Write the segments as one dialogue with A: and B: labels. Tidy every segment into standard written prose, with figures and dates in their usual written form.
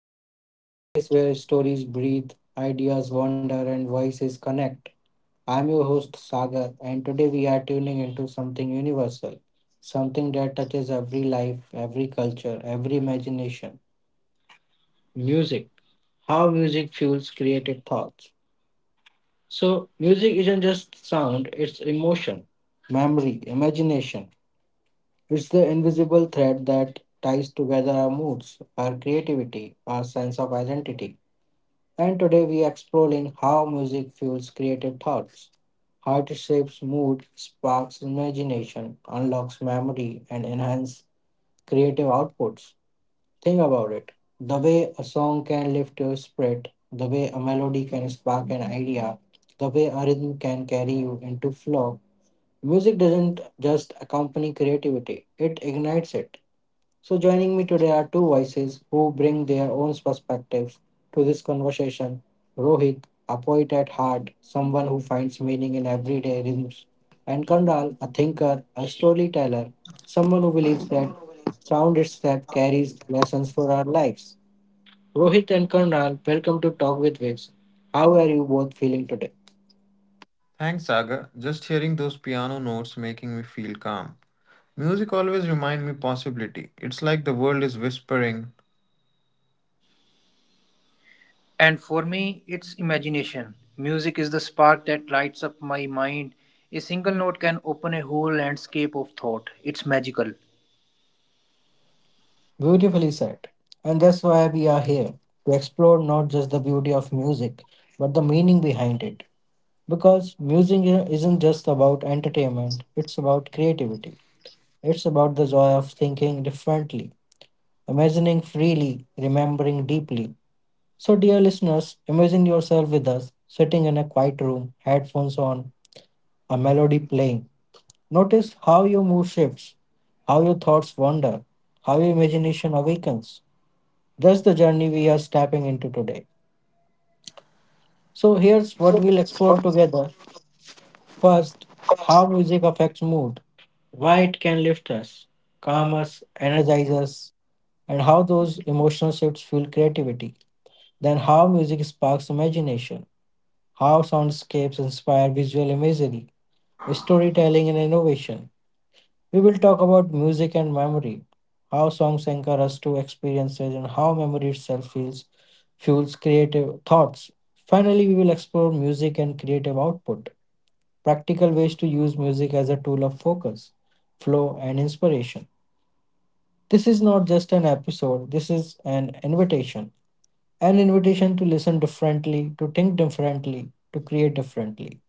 A: Viz, the space where stories breathe, ideas wander, and voices connect. I'm your host Sagar, and today we are tuning into something universal, something that touches every life, every culture, every imagination music. How music fuels creative thoughts. So, music isn't just sound, it's emotion, memory, imagination, it's the invisible thread that ties together our moods, our creativity, our sense of identity. And today we are exploring how music fuels creative thoughts, how it shapes mood, sparks imagination, unlocks memory, and enhances creative outputs. Think about it. The way a song can lift your spirit, the way a melody can spark an idea, the way a rhythm can carry you into flow. Music doesn't just accompany creativity, it ignites it. So, joining me today are two voices who bring their own perspective to this conversation. Rohit, a poet at heart, someone who finds meaning in everyday rhythms, and Kanral, a thinker, a storyteller, someone who believes that sound itself carries lessons for our lives. Rohit and Kanral, welcome to Talk with Waves. How are you both feeling today?
B: Thanks, Saga. Just hearing those piano notes making me feel calm. Music always remind me possibility. It's like the world is whispering.
C: And for me, it's imagination. Music is the spark that lights up my mind. A single note can open a whole landscape of thought. It's magical.
A: Beautifully said. And that's why we are here to explore not just the beauty of music, but the meaning behind it. Because music isn't just about entertainment, it's about creativity. It's about the joy of thinking differently, imagining freely, remembering deeply. So, dear listeners, imagine yourself with us, sitting in a quiet room, headphones on, a melody playing. Notice how your mood shifts, how your thoughts wander, how your imagination awakens. That's the journey we are stepping into today. So, here's what we'll explore together. First, how music affects mood, why it can lift us, calm us, energize us, and how those emotional shifts fuel creativity. Then, how music sparks imagination, how soundscapes inspire visual imagery, storytelling, and innovation. We will talk about music and memory, how songs anchor us to experiences, and how memory itself feels, fuels creative thoughts. Finally, we will explore music and creative output, practical ways to use music as a tool of focus, flow, and inspiration. This is not just an episode, this is an invitation. An invitation to listen differently, to think differently, to create differently.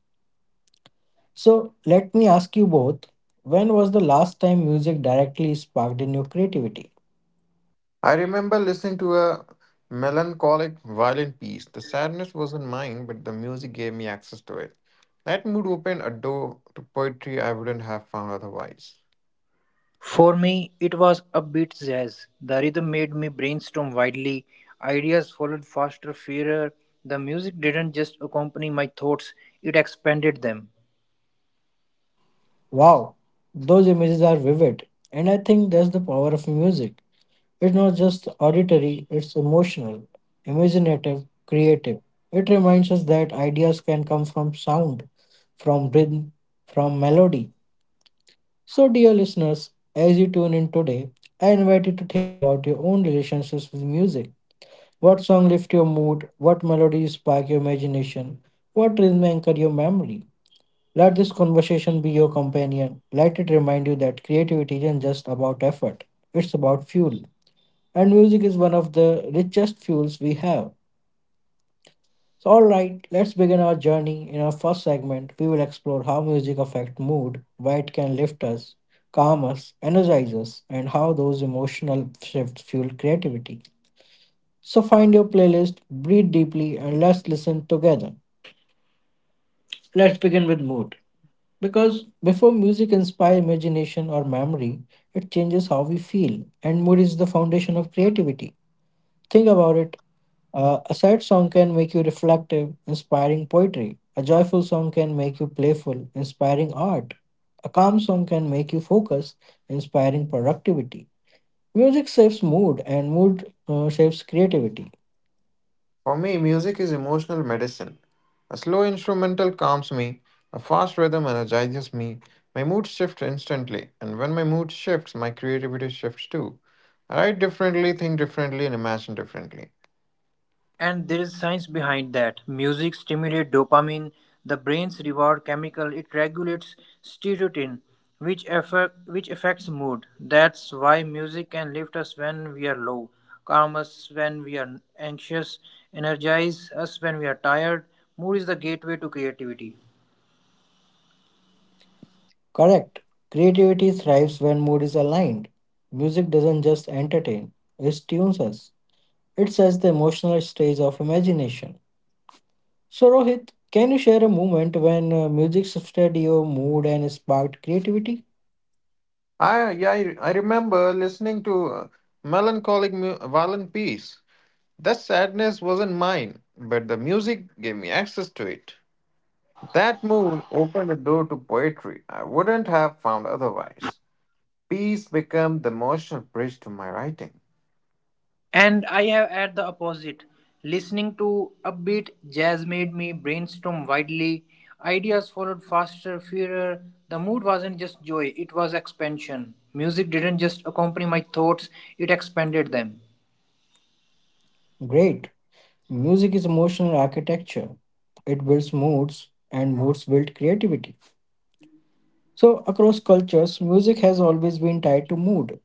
A: So, let me ask you both, when was the last time music directly sparked in your creativity?
B: I remember listening to a melancholic violin piece. The sadness wasn't mine, but the music gave me access to it. That mood opened a door to poetry I wouldn't have found otherwise.
C: For me, it was upbeat jazz. The rhythm made me brainstorm wildly. Ideas followed faster, fairer. The music didn't just accompany my thoughts, it expanded them.
A: Wow, those images are vivid, and I think that's the power of music. It's not just auditory, it's emotional, imaginative, creative. It reminds us that ideas can come from sound, from rhythm, from melody. So, dear listeners, as you tune in today, I invite you to think about your own relationships with music. What song lift your mood? What melodies spark your imagination? What rhythm anchor your memory? Let this conversation be your companion. Let it remind you that creativity isn't just about effort, it's about fuel, and music is one of the richest fuels we have. So, all right, let's begin our journey. In our first segment, we will explore how music affects mood, why it can lift us, calm us, energize us, and how those emotional shifts fuel creativity. So, find your playlist, breathe deeply, and let's listen together. Let's begin with mood. Because before music inspires imagination or memory, it changes how we feel, and mood is the foundation of creativity. Think about it. A sad song can make you reflective, inspiring poetry. A joyful song can make you playful, inspiring art. A calm song can make you focus, inspiring productivity. Music shapes mood, and mood shapes creativity.
B: For me, music is emotional medicine. A slow instrumental calms me, a fast rhythm energizes me, my mood shifts instantly, and when my mood shifts, my creativity shifts too. I write differently, think differently, and imagine differently.
C: And there is science behind that. Music stimulates dopamine, the brain's reward chemical. It regulates serotonin, which affects mood. That's why music can lift us when we are low, calm us when we are anxious, energize us when we are tired. Mood is the gateway to creativity.
A: Correct. Creativity thrives when mood is aligned. Music doesn't just entertain, it tunes us. It sets the emotional stage of imagination. So, Rohit, can you share a moment when music shifted your mood and sparked creativity?
B: I remember listening to melancholic violent piece. That sadness wasn't mine, but the music gave me access to it. That mood opened a door to poetry I wouldn't have found otherwise. Peace became the emotional bridge to my writing.
C: And I have at the opposite. Listening to upbeat jazz made me brainstorm widely. Ideas followed faster, fairer. The mood wasn't just joy, it was expansion. Music didn't just accompany my thoughts, it expanded them.
A: Great. Music is emotional architecture, it builds moods, and moods build creativity. So, across cultures, music has always been tied to mood.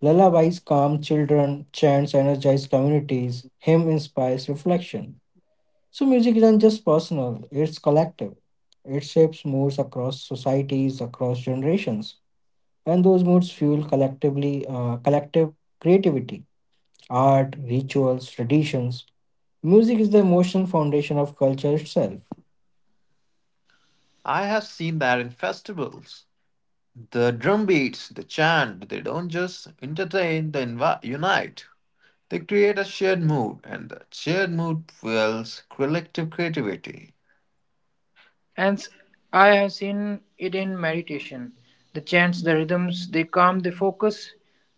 A: Lullabies calm children, chants energize communities, hymn inspires reflection. So, music isn't just personal, it's collective. It shapes moods across societies, across generations, and those moods fuel collective creativity, art, rituals, traditions. Music is the emotional foundation of culture itself.
B: I have seen that in festivals. The drum beats, the chant, they don't just entertain, unite. They create a shared mood, and that shared mood fuels collective creativity.
C: And s- I have seen it in meditation. The chants, the rhythms, they calm the focus,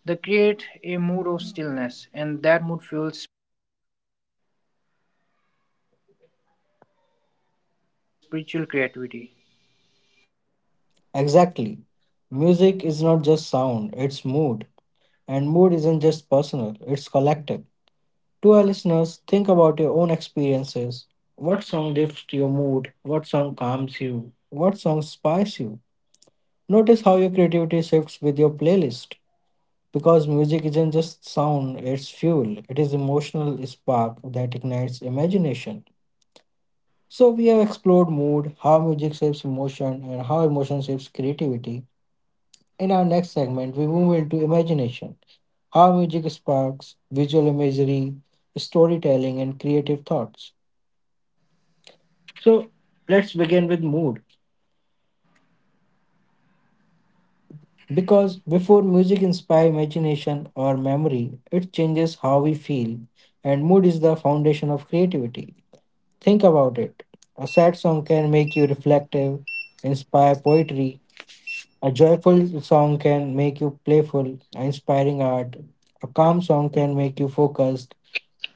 C: they create a mood of stillness, and that mood fuels spiritual creativity.
A: Exactly. Music is not just sound, it's mood. And mood isn't just personal, it's collective. To our listeners, think about your own experiences. What song lifts your mood? What song calms you? What song spices you? Notice how your creativity shifts with your playlist. Because music isn't just sound, it's fuel. It is emotional spark that ignites imagination. So we have explored mood, how music shapes emotion, and how emotion shapes creativity. In our next segment, we move into imagination, how music sparks visual imagery, storytelling, and creative thoughts. So let's begin with mood. Because before music inspires imagination or memory, it changes how we feel, and mood is the foundation of creativity. Think about it. A sad song can make you reflective, inspire poetry. A joyful song can make you playful, inspiring art. A calm song can make you focused,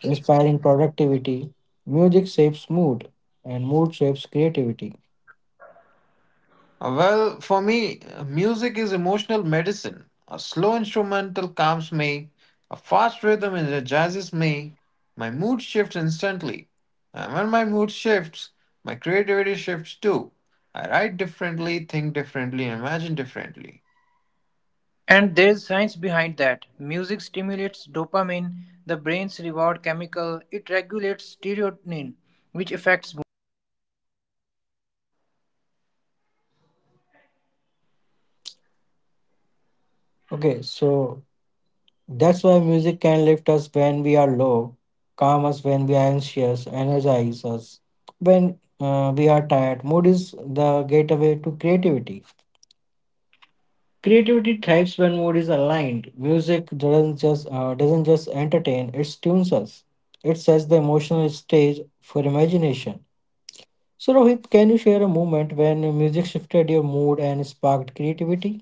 A: inspiring productivity. Music shapes mood, and mood shapes creativity.
B: Well, for me, music is emotional medicine. A slow instrumental calms me, a fast rhythm energizes me. My mood shifts instantly. And when my mood shifts, my creativity shifts too. I write differently, think differently, and imagine differently.
C: And there's science behind that. Music stimulates dopamine, the brain's reward chemical. It regulates serotonin, which affects mood. That's why music can lift us when we are low, calm us when we are anxious, energize us when we are tired. Mood is the gateway to
A: Okay,
C: creativity.
A: so that's why music can lift us when we are low, calm us when we are anxious, energize us when we are tired. Mood is the gateway to creativity. Creativity thrives when mood is aligned. Music doesn't just entertain; it tunes us. It sets the emotional stage for imagination. So, Rohit, can you share a moment when music shifted your mood and sparked creativity?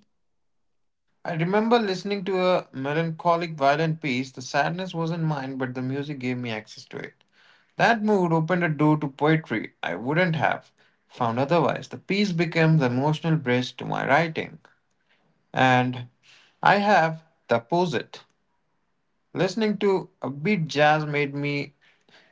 B: I remember listening to a melancholic violin piece. The sadness wasn't mine, but the music gave me access to it. That mood opened a door to poetry I wouldn't have found otherwise. The piece became the emotional bridge to my writing. And I have the opposite. Listening to upbeat jazz made me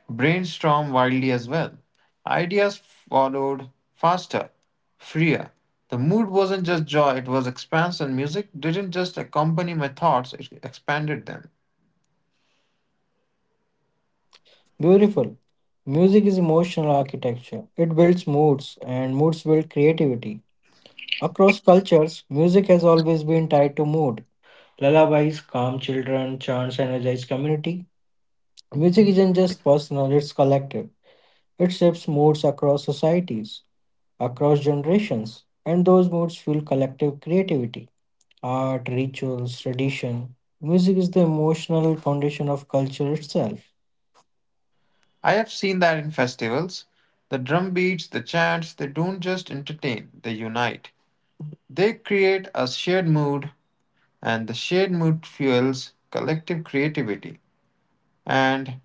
B: brainstormed wildly as well. Ideas followed faster, freer. The mood wasn't just joy, it was expansion. Music didn't just accompany my thoughts, it expanded them.
A: Beautiful. Music is emotional architecture. It builds moods, and moods build creativity. Across cultures, music has always been tied to mood. Lullabies calm children, chants energize community. Music isn't just personal; it's collective. It shapes moods across societies, across generations, and those moods fuel collective creativity. Art, rituals, tradition. Music is the emotional foundation of culture itself.
B: I have seen that in festivals. The drum beats, the chants, they don't just entertain, they unite. They create a shared mood, and the shared mood fuels collective creativity. And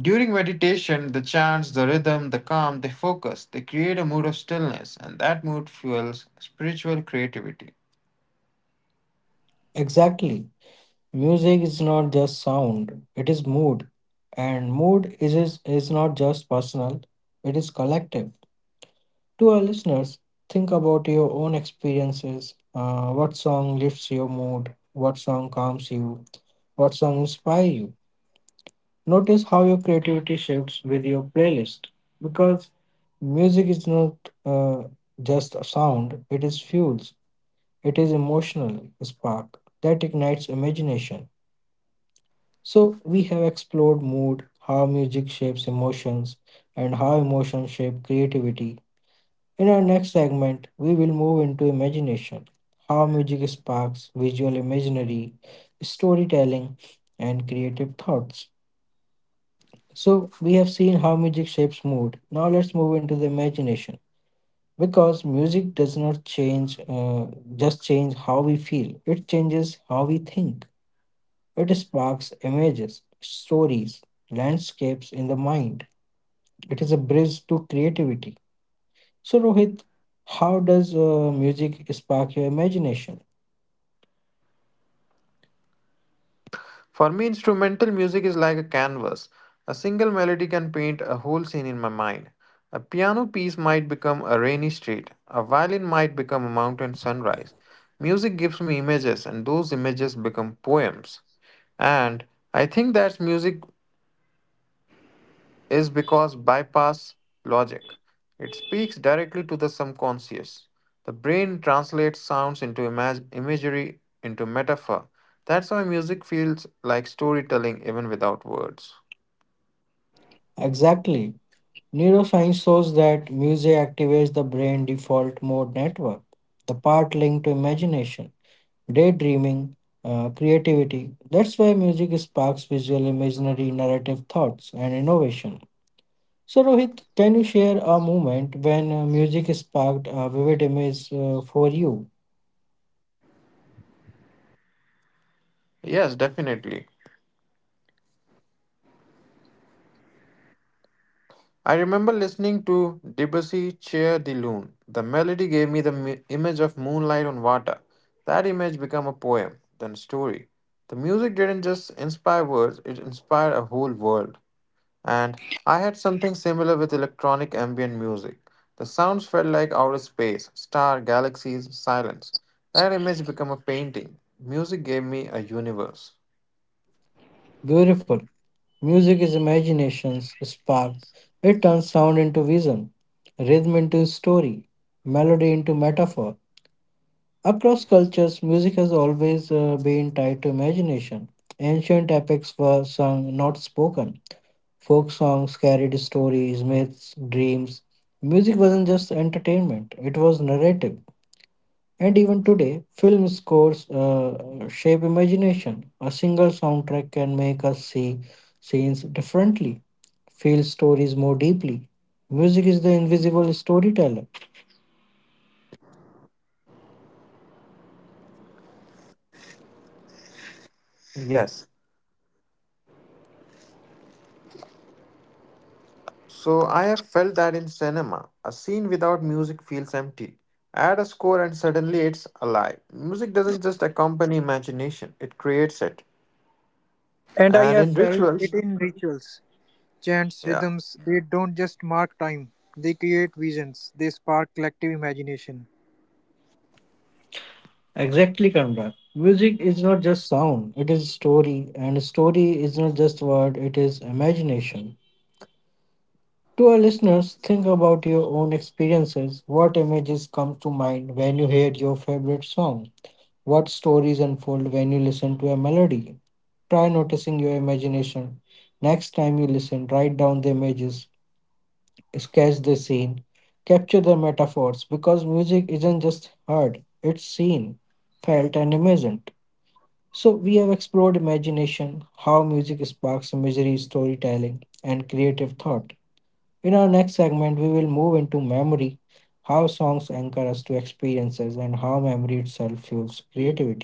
B: during meditation, the chants, the rhythm, the calm, they focus, they create a mood of stillness, and that mood fuels spiritual creativity.
A: Exactly. Music is not just sound, it is mood. And mood is not just personal, it is collective. To our listeners, think about your own experiences. What song lifts your mood? What song calms you? What song inspires you? Notice how your creativity shifts with your playlist, because music is not uh, just a sound, it is fuels, it is emotional spark that ignites imagination. So, we have explored mood, how music shapes emotions, and how emotions shape creativity. In our next segment, we will move into imagination, how music sparks visual imaginary, storytelling, and creative thoughts. So, we have seen how music shapes mood. Now, let's move into the imagination. Because music does not just change how we feel, it changes how we think. It sparks images, stories, landscapes in the mind. It is a bridge to creativity. So, Rohit, how does music spark your imagination?
B: For me, instrumental music is like a canvas. A single melody can paint a whole scene in my mind. A piano piece might become a rainy street, a violin might become a mountain sunrise. Music gives me images, and those images become poems. And I think that music is because bypass logic. It speaks directly to the subconscious. The brain translates sounds into imagery, into metaphor. That's why music feels like storytelling even without words.
A: Exactly. Neuroscience shows that music activates the brain default mode network, the part linked to imagination, daydreaming, creativity. That's why music sparks visual, imaginary, narrative thoughts, and innovation. So, Rohit, can you share a moment when music sparked a vivid image for you?
B: Yes, definitely. I remember listening to Debussy Cheer de Lune. The melody gave me the image of moonlight on water. That image became a poem, then a story. The music didn't just inspire words, it inspired a whole world. And I had something similar with electronic ambient music. The sounds felt like outer space, star, galaxies, silence. That image became a painting. Music gave me a universe.
A: Beautiful. Music is imagination's spark. It turns sound into vision, rhythm into story, melody into metaphor. Across cultures, music has always been tied to imagination. Ancient epics were sung, not spoken. Folk songs carried stories, myths, dreams. Music wasn't just entertainment, it was narrative. And even today, film scores shape imagination. A single soundtrack can make us see scenes differently, feel stories more deeply. Music is the invisible storyteller.
B: Yes. So I have felt that in cinema. A scene without music feels empty. Add a score and suddenly it's alive. Music doesn't just accompany imagination, it creates it.
C: And I
B: And
C: have
B: in
C: felt it
B: rituals,
C: in rituals, chants,
B: yeah.
C: rhythms. They don't just mark time, they create visions, they spark collective imagination.
A: Exactly, Kanda. Music is not just sound, it is story, and story is not just word, it is imagination. To our listeners, think about your own experiences. What images come to mind when you hear your favorite song? What stories unfold when you listen to a melody? Try noticing your imagination. Next time you listen, write down the images, sketch the scene, capture the metaphors, because music isn't just heard, it's seen, felt, and imagined. So, we have explored imagination, how music sparks imagery, storytelling, and creative thought. In our next segment, we will move into memory, how songs anchor us to experiences, and how memory itself fuels creativity.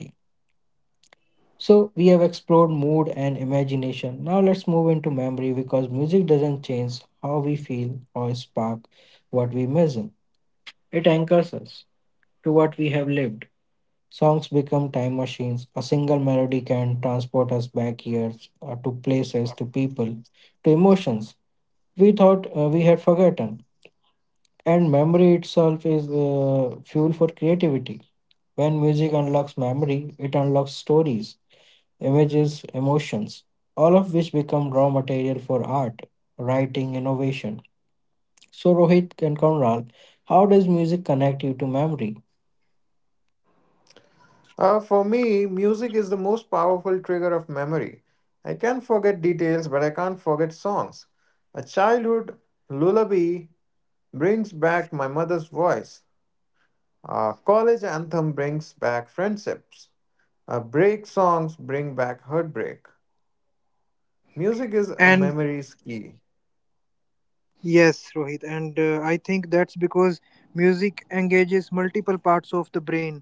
A: So, we have explored mood and imagination. Now, let's move into memory, because music doesn't change how we feel or spark what we imagine. It anchors us to what we have lived. Songs become time machines. A single melody can transport us back years, to places, to people, to emotions we thought we had forgotten. And memory itself is fuel for creativity. When music unlocks memory, it unlocks stories, images, emotions, all of which become raw material for art, writing, innovation. So, Rohit and Konral, how does music connect you to memory?
B: For me, music is the most powerful trigger of memory. I can forget details, but I can't forget songs. A childhood lullaby brings back my mother's voice. A college anthem brings back friendships. A break songs bring back heartbreak. Music is a
C: And
B: memory's key.
C: yes, Rohit, and I think that's because music engages multiple parts of the brain,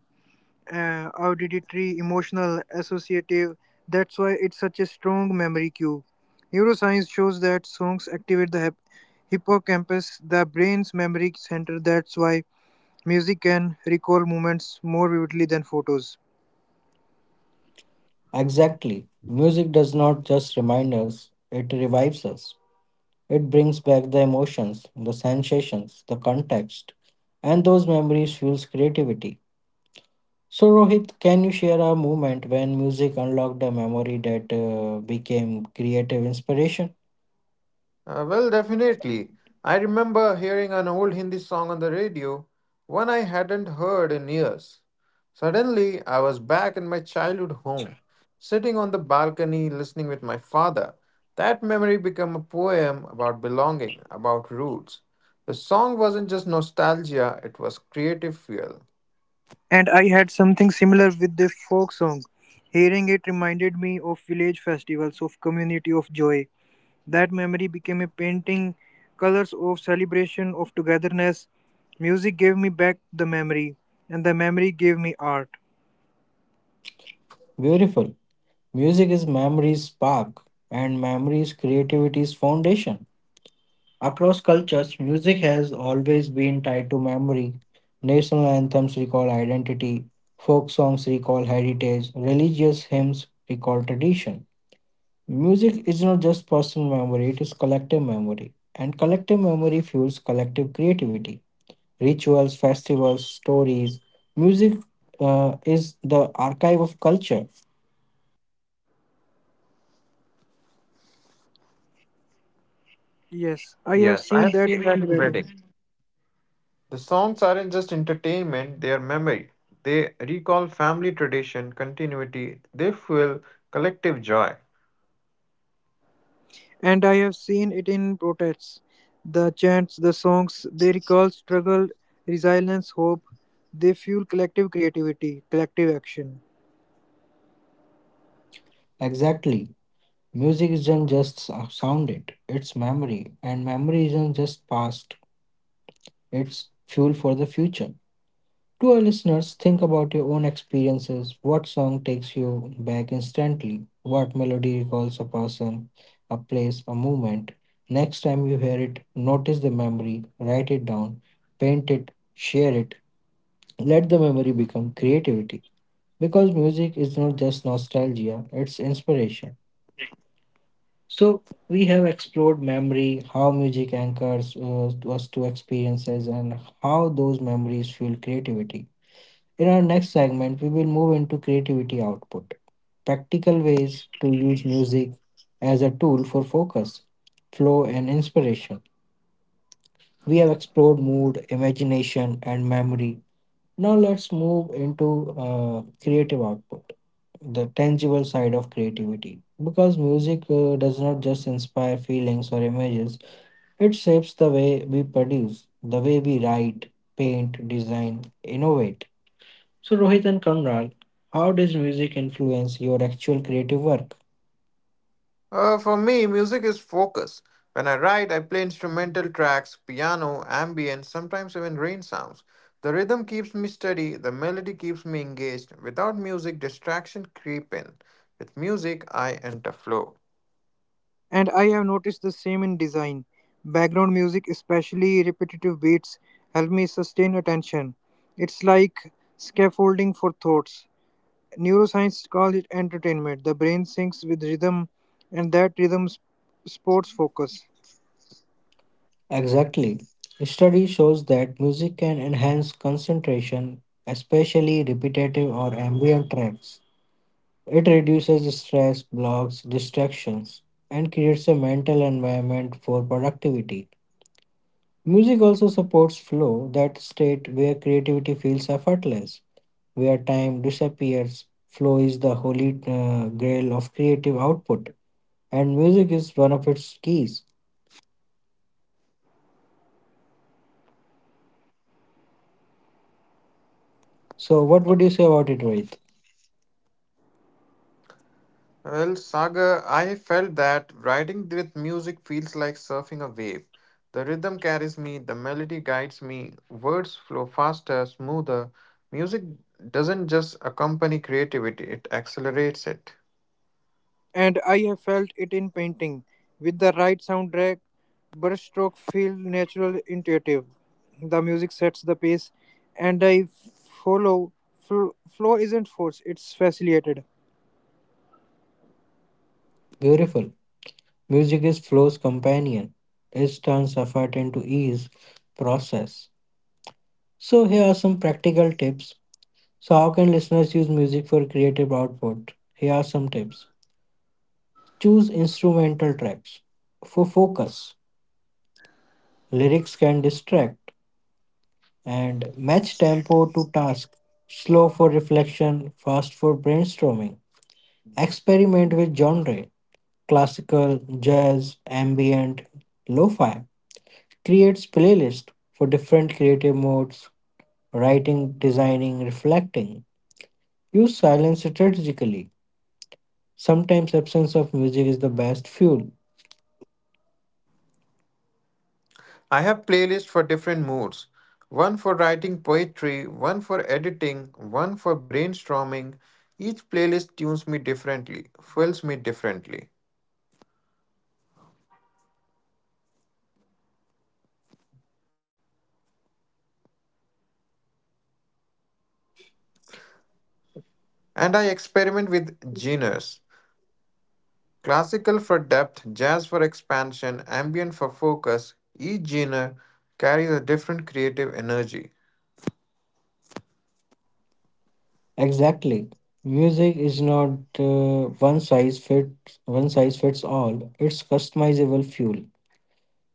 C: auditory, emotional, associative. That's why it's such a strong memory cue. Neuroscience shows that songs activate the hippocampus, the brain's memory center. That's why music can recall moments more vividly than photos.
A: Exactly. Music does not just remind us, it revives us. It brings back the emotions, the sensations, the context, and those memories fuels creativity. So, Rohit, can you share a moment when music unlocked a memory that became creative inspiration?
B: Definitely. I remember hearing an old Hindi song on the radio, one I hadn't heard in years. Suddenly, I was back in my childhood home, sitting on the balcony listening with my father. That memory became a poem about belonging, about roots. The song wasn't just nostalgia, it was creative fuel.
C: And I had something similar with the folk song. Hearing it reminded me of village festivals, of community, of joy. That memory became a painting, colors of celebration, of togetherness. Music gave me back the memory, and the memory gave me art.
A: Beautiful. Music is memory's spark, and memory's creativity's foundation. Across cultures, music has always been tied to memory. National anthems recall identity, folk songs recall heritage, religious hymns recall tradition. Music is not just personal memory, it is collective memory, and collective memory fuels collective creativity. Rituals, festivals, stories. Music is the archive of culture.
C: Yes, I have
B: Yes, I
C: seen
B: have
C: that
B: seen that
C: in
B: in Reading.
C: weddings.
B: The songs aren't just entertainment, they are memory. They recall family tradition, continuity, they fuel collective joy.
C: And I have seen it in protests. The chants, the songs, they recall struggle, resilience, hope. They fuel collective creativity, collective action.
A: Exactly. Music isn't just sounded, it's memory, and memory isn't just past, it's fuel for the future. To our listeners, think about your own experiences. What song takes you back instantly? What melody recalls a person, a place, a moment? Next time you hear it, notice the memory, write it down, paint it, share it. Let the memory become creativity because music is not just nostalgia, it's inspiration. So, we have explored memory, how music anchors us to experiences, and how those memories fuel creativity. In our next segment, we will move into creativity output, practical ways to use music as a tool for focus, flow, and inspiration. We have explored mood, imagination, and memory. Now let's move into creative output, the tangible side of creativity. Because music does not just inspire feelings or images, it shapes the way we produce, the way we write, paint, design, innovate. So, Rohit and Kamral, how does music influence your actual creative work?
B: For me, music is focus. When I write, I play instrumental tracks, piano, ambient, sometimes even rain sounds. The rhythm keeps me steady, the melody keeps me engaged. Without music, distraction creep in. With music, I enter flow.
C: And I have noticed the same in design. Background music, especially repetitive beats, help me sustain attention. It's like scaffolding for thoughts. Neuroscience calls it entertainment. The brain syncs with rhythm, and that supports focus.
A: Exactly. Study shows that music can enhance concentration, especially repetitive or ambient tracks. It reduces stress, blocks distractions, and creates a mental environment for productivity. Music also supports flow, that state where creativity feels effortless, where time disappears. Flow is the holy grail of creative output, and music is one of its keys. So, what would you say about it, Rohit?
B: Well, Saga, I felt that riding with music feels like surfing a wave. The rhythm carries me, the melody guides me, words flow faster, smoother. Music doesn't just accompany creativity, it accelerates it.
C: And I have felt it in painting. With the right soundtrack, brushstrokes feel natural, intuitive. The music sets the pace, and I follow. Flow isn't force; it's facilitated.
A: Beautiful. Music is flow's companion. It turns effort into ease, process. So, here are some practical tips. So, how can listeners use music for creative output? Here are some tips. Choose instrumental tracks for focus. Lyrics can distract and match tempo to task. Slow for reflection, fast for brainstorming. Experiment with genre: classical, jazz, ambient, lo fi. Creates playlist for different creative modes: writing, designing, reflecting. Use silence strategically. Sometimes absence of music is the best fuel.
B: I have playlists for different moods, one for writing poetry, one for editing, one for brainstorming. Each playlist tunes me differently, fills me differently. And I experiment with genres. Classical for depth, jazz for expansion, ambient for focus, each genre carries a different creative energy.
A: Exactly. Music is not one size fits all. It's customizable fuel.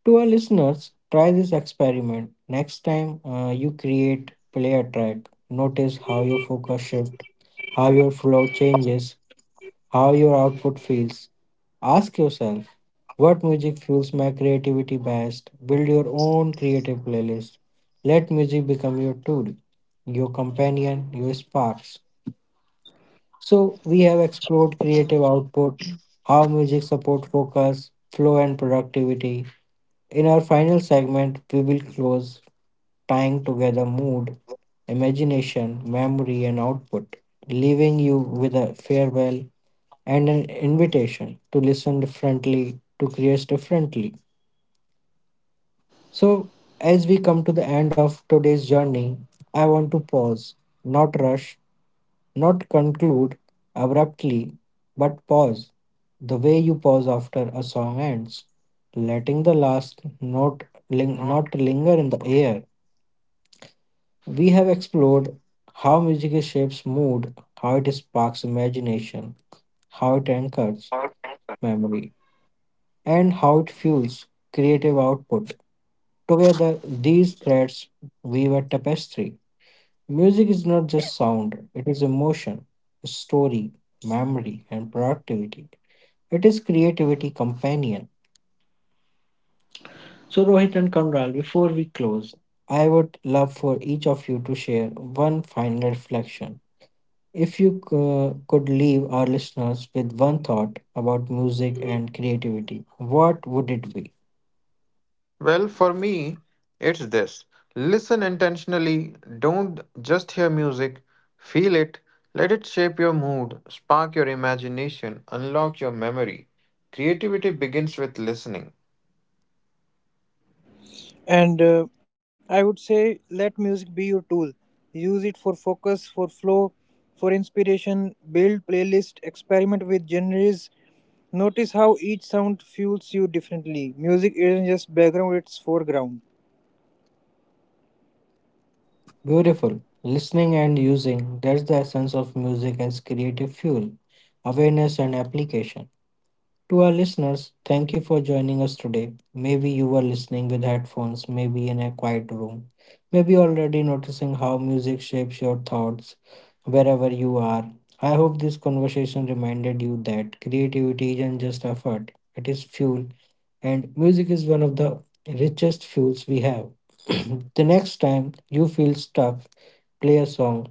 A: To our listeners, try this experiment. Next time you create, play a track. Notice how your focus shift, how your flow changes, how your output feels. Ask yourself, what music fuels my creativity best? Build your own creative playlist. Let music become your tool, your companion, your sparks. So we have explored creative output, how music support focus, flow and productivity. In our final segment, we will close, tying together mood, imagination, memory and output, leaving you with a farewell and an invitation to listen differently, to create differently. So, as we come to the end of today's journey, I want to pause, not rush, not conclude abruptly, but pause the way you pause after a song ends, letting the last note not linger in the air. We have explored how music shapes mood, how it sparks imagination, how it anchors memory, and how it fuels creative output. Together, these threads weave a tapestry. Music is not just sound, it is emotion, story, memory, and productivity. It is creativity companion. So Rohit and Kamral, before we close, I would love for each of you to share one final reflection. If you could leave our listeners with one thought about music and creativity, what would it be?
B: Well, for me, it's this: listen intentionally, don't just hear music, feel it, let it shape your mood, spark your imagination, unlock your memory. Creativity begins with listening.
C: And I would say, let music be your tool. Use it for focus, for flow, for inspiration. Build playlist, experiment with genres. Notice how each sound fuels you differently. Music isn't just background; it's foreground.
A: Beautiful. Listening and using, that's the essence of music as creative fuel, awareness and application. To our listeners, thank you for joining us today. Maybe you were listening with headphones, maybe in a quiet room, maybe already noticing how music shapes your thoughts wherever you are. I hope this conversation reminded you that creativity isn't just effort, it is fuel, and music is one of the richest fuels we have. The next time you feel stuck, play a song.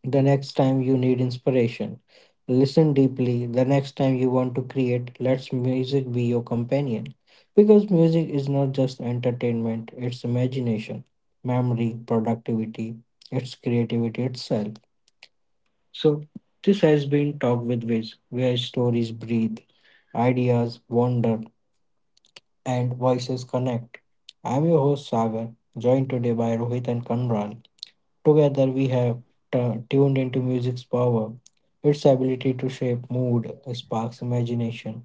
A: The next time you need inspiration, listen deeply. The next time you want to create, let music be your companion. Because music is not just entertainment, it's imagination, memory, productivity, it's creativity itself. So, this has been Talk with Wiz, where stories breathe, ideas wander, and voices connect. I'm your host Sagar, joined today by Rohit and Kanral. Together, we have tuned into music's power, its ability to shape mood, sparks imagination,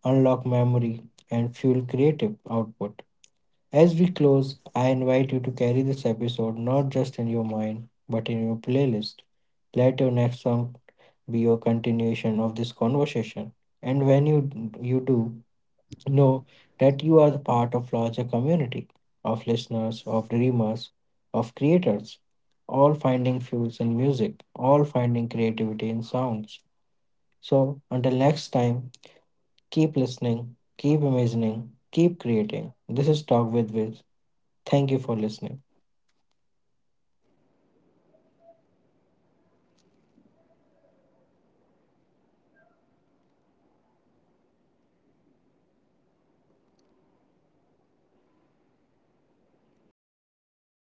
A: unlock memory, and fuel creative output. As we close, I invite you to carry this episode not just in your mind, but in your playlist. Let your next song be your continuation of this conversation. And when you do, know that you are the part of larger community of listeners, of dreamers, of creators, all finding fuels in music, all finding creativity in sounds. So until next time, keep listening, keep imagining, keep creating. This is Talk with Wiz. Thank you for listening.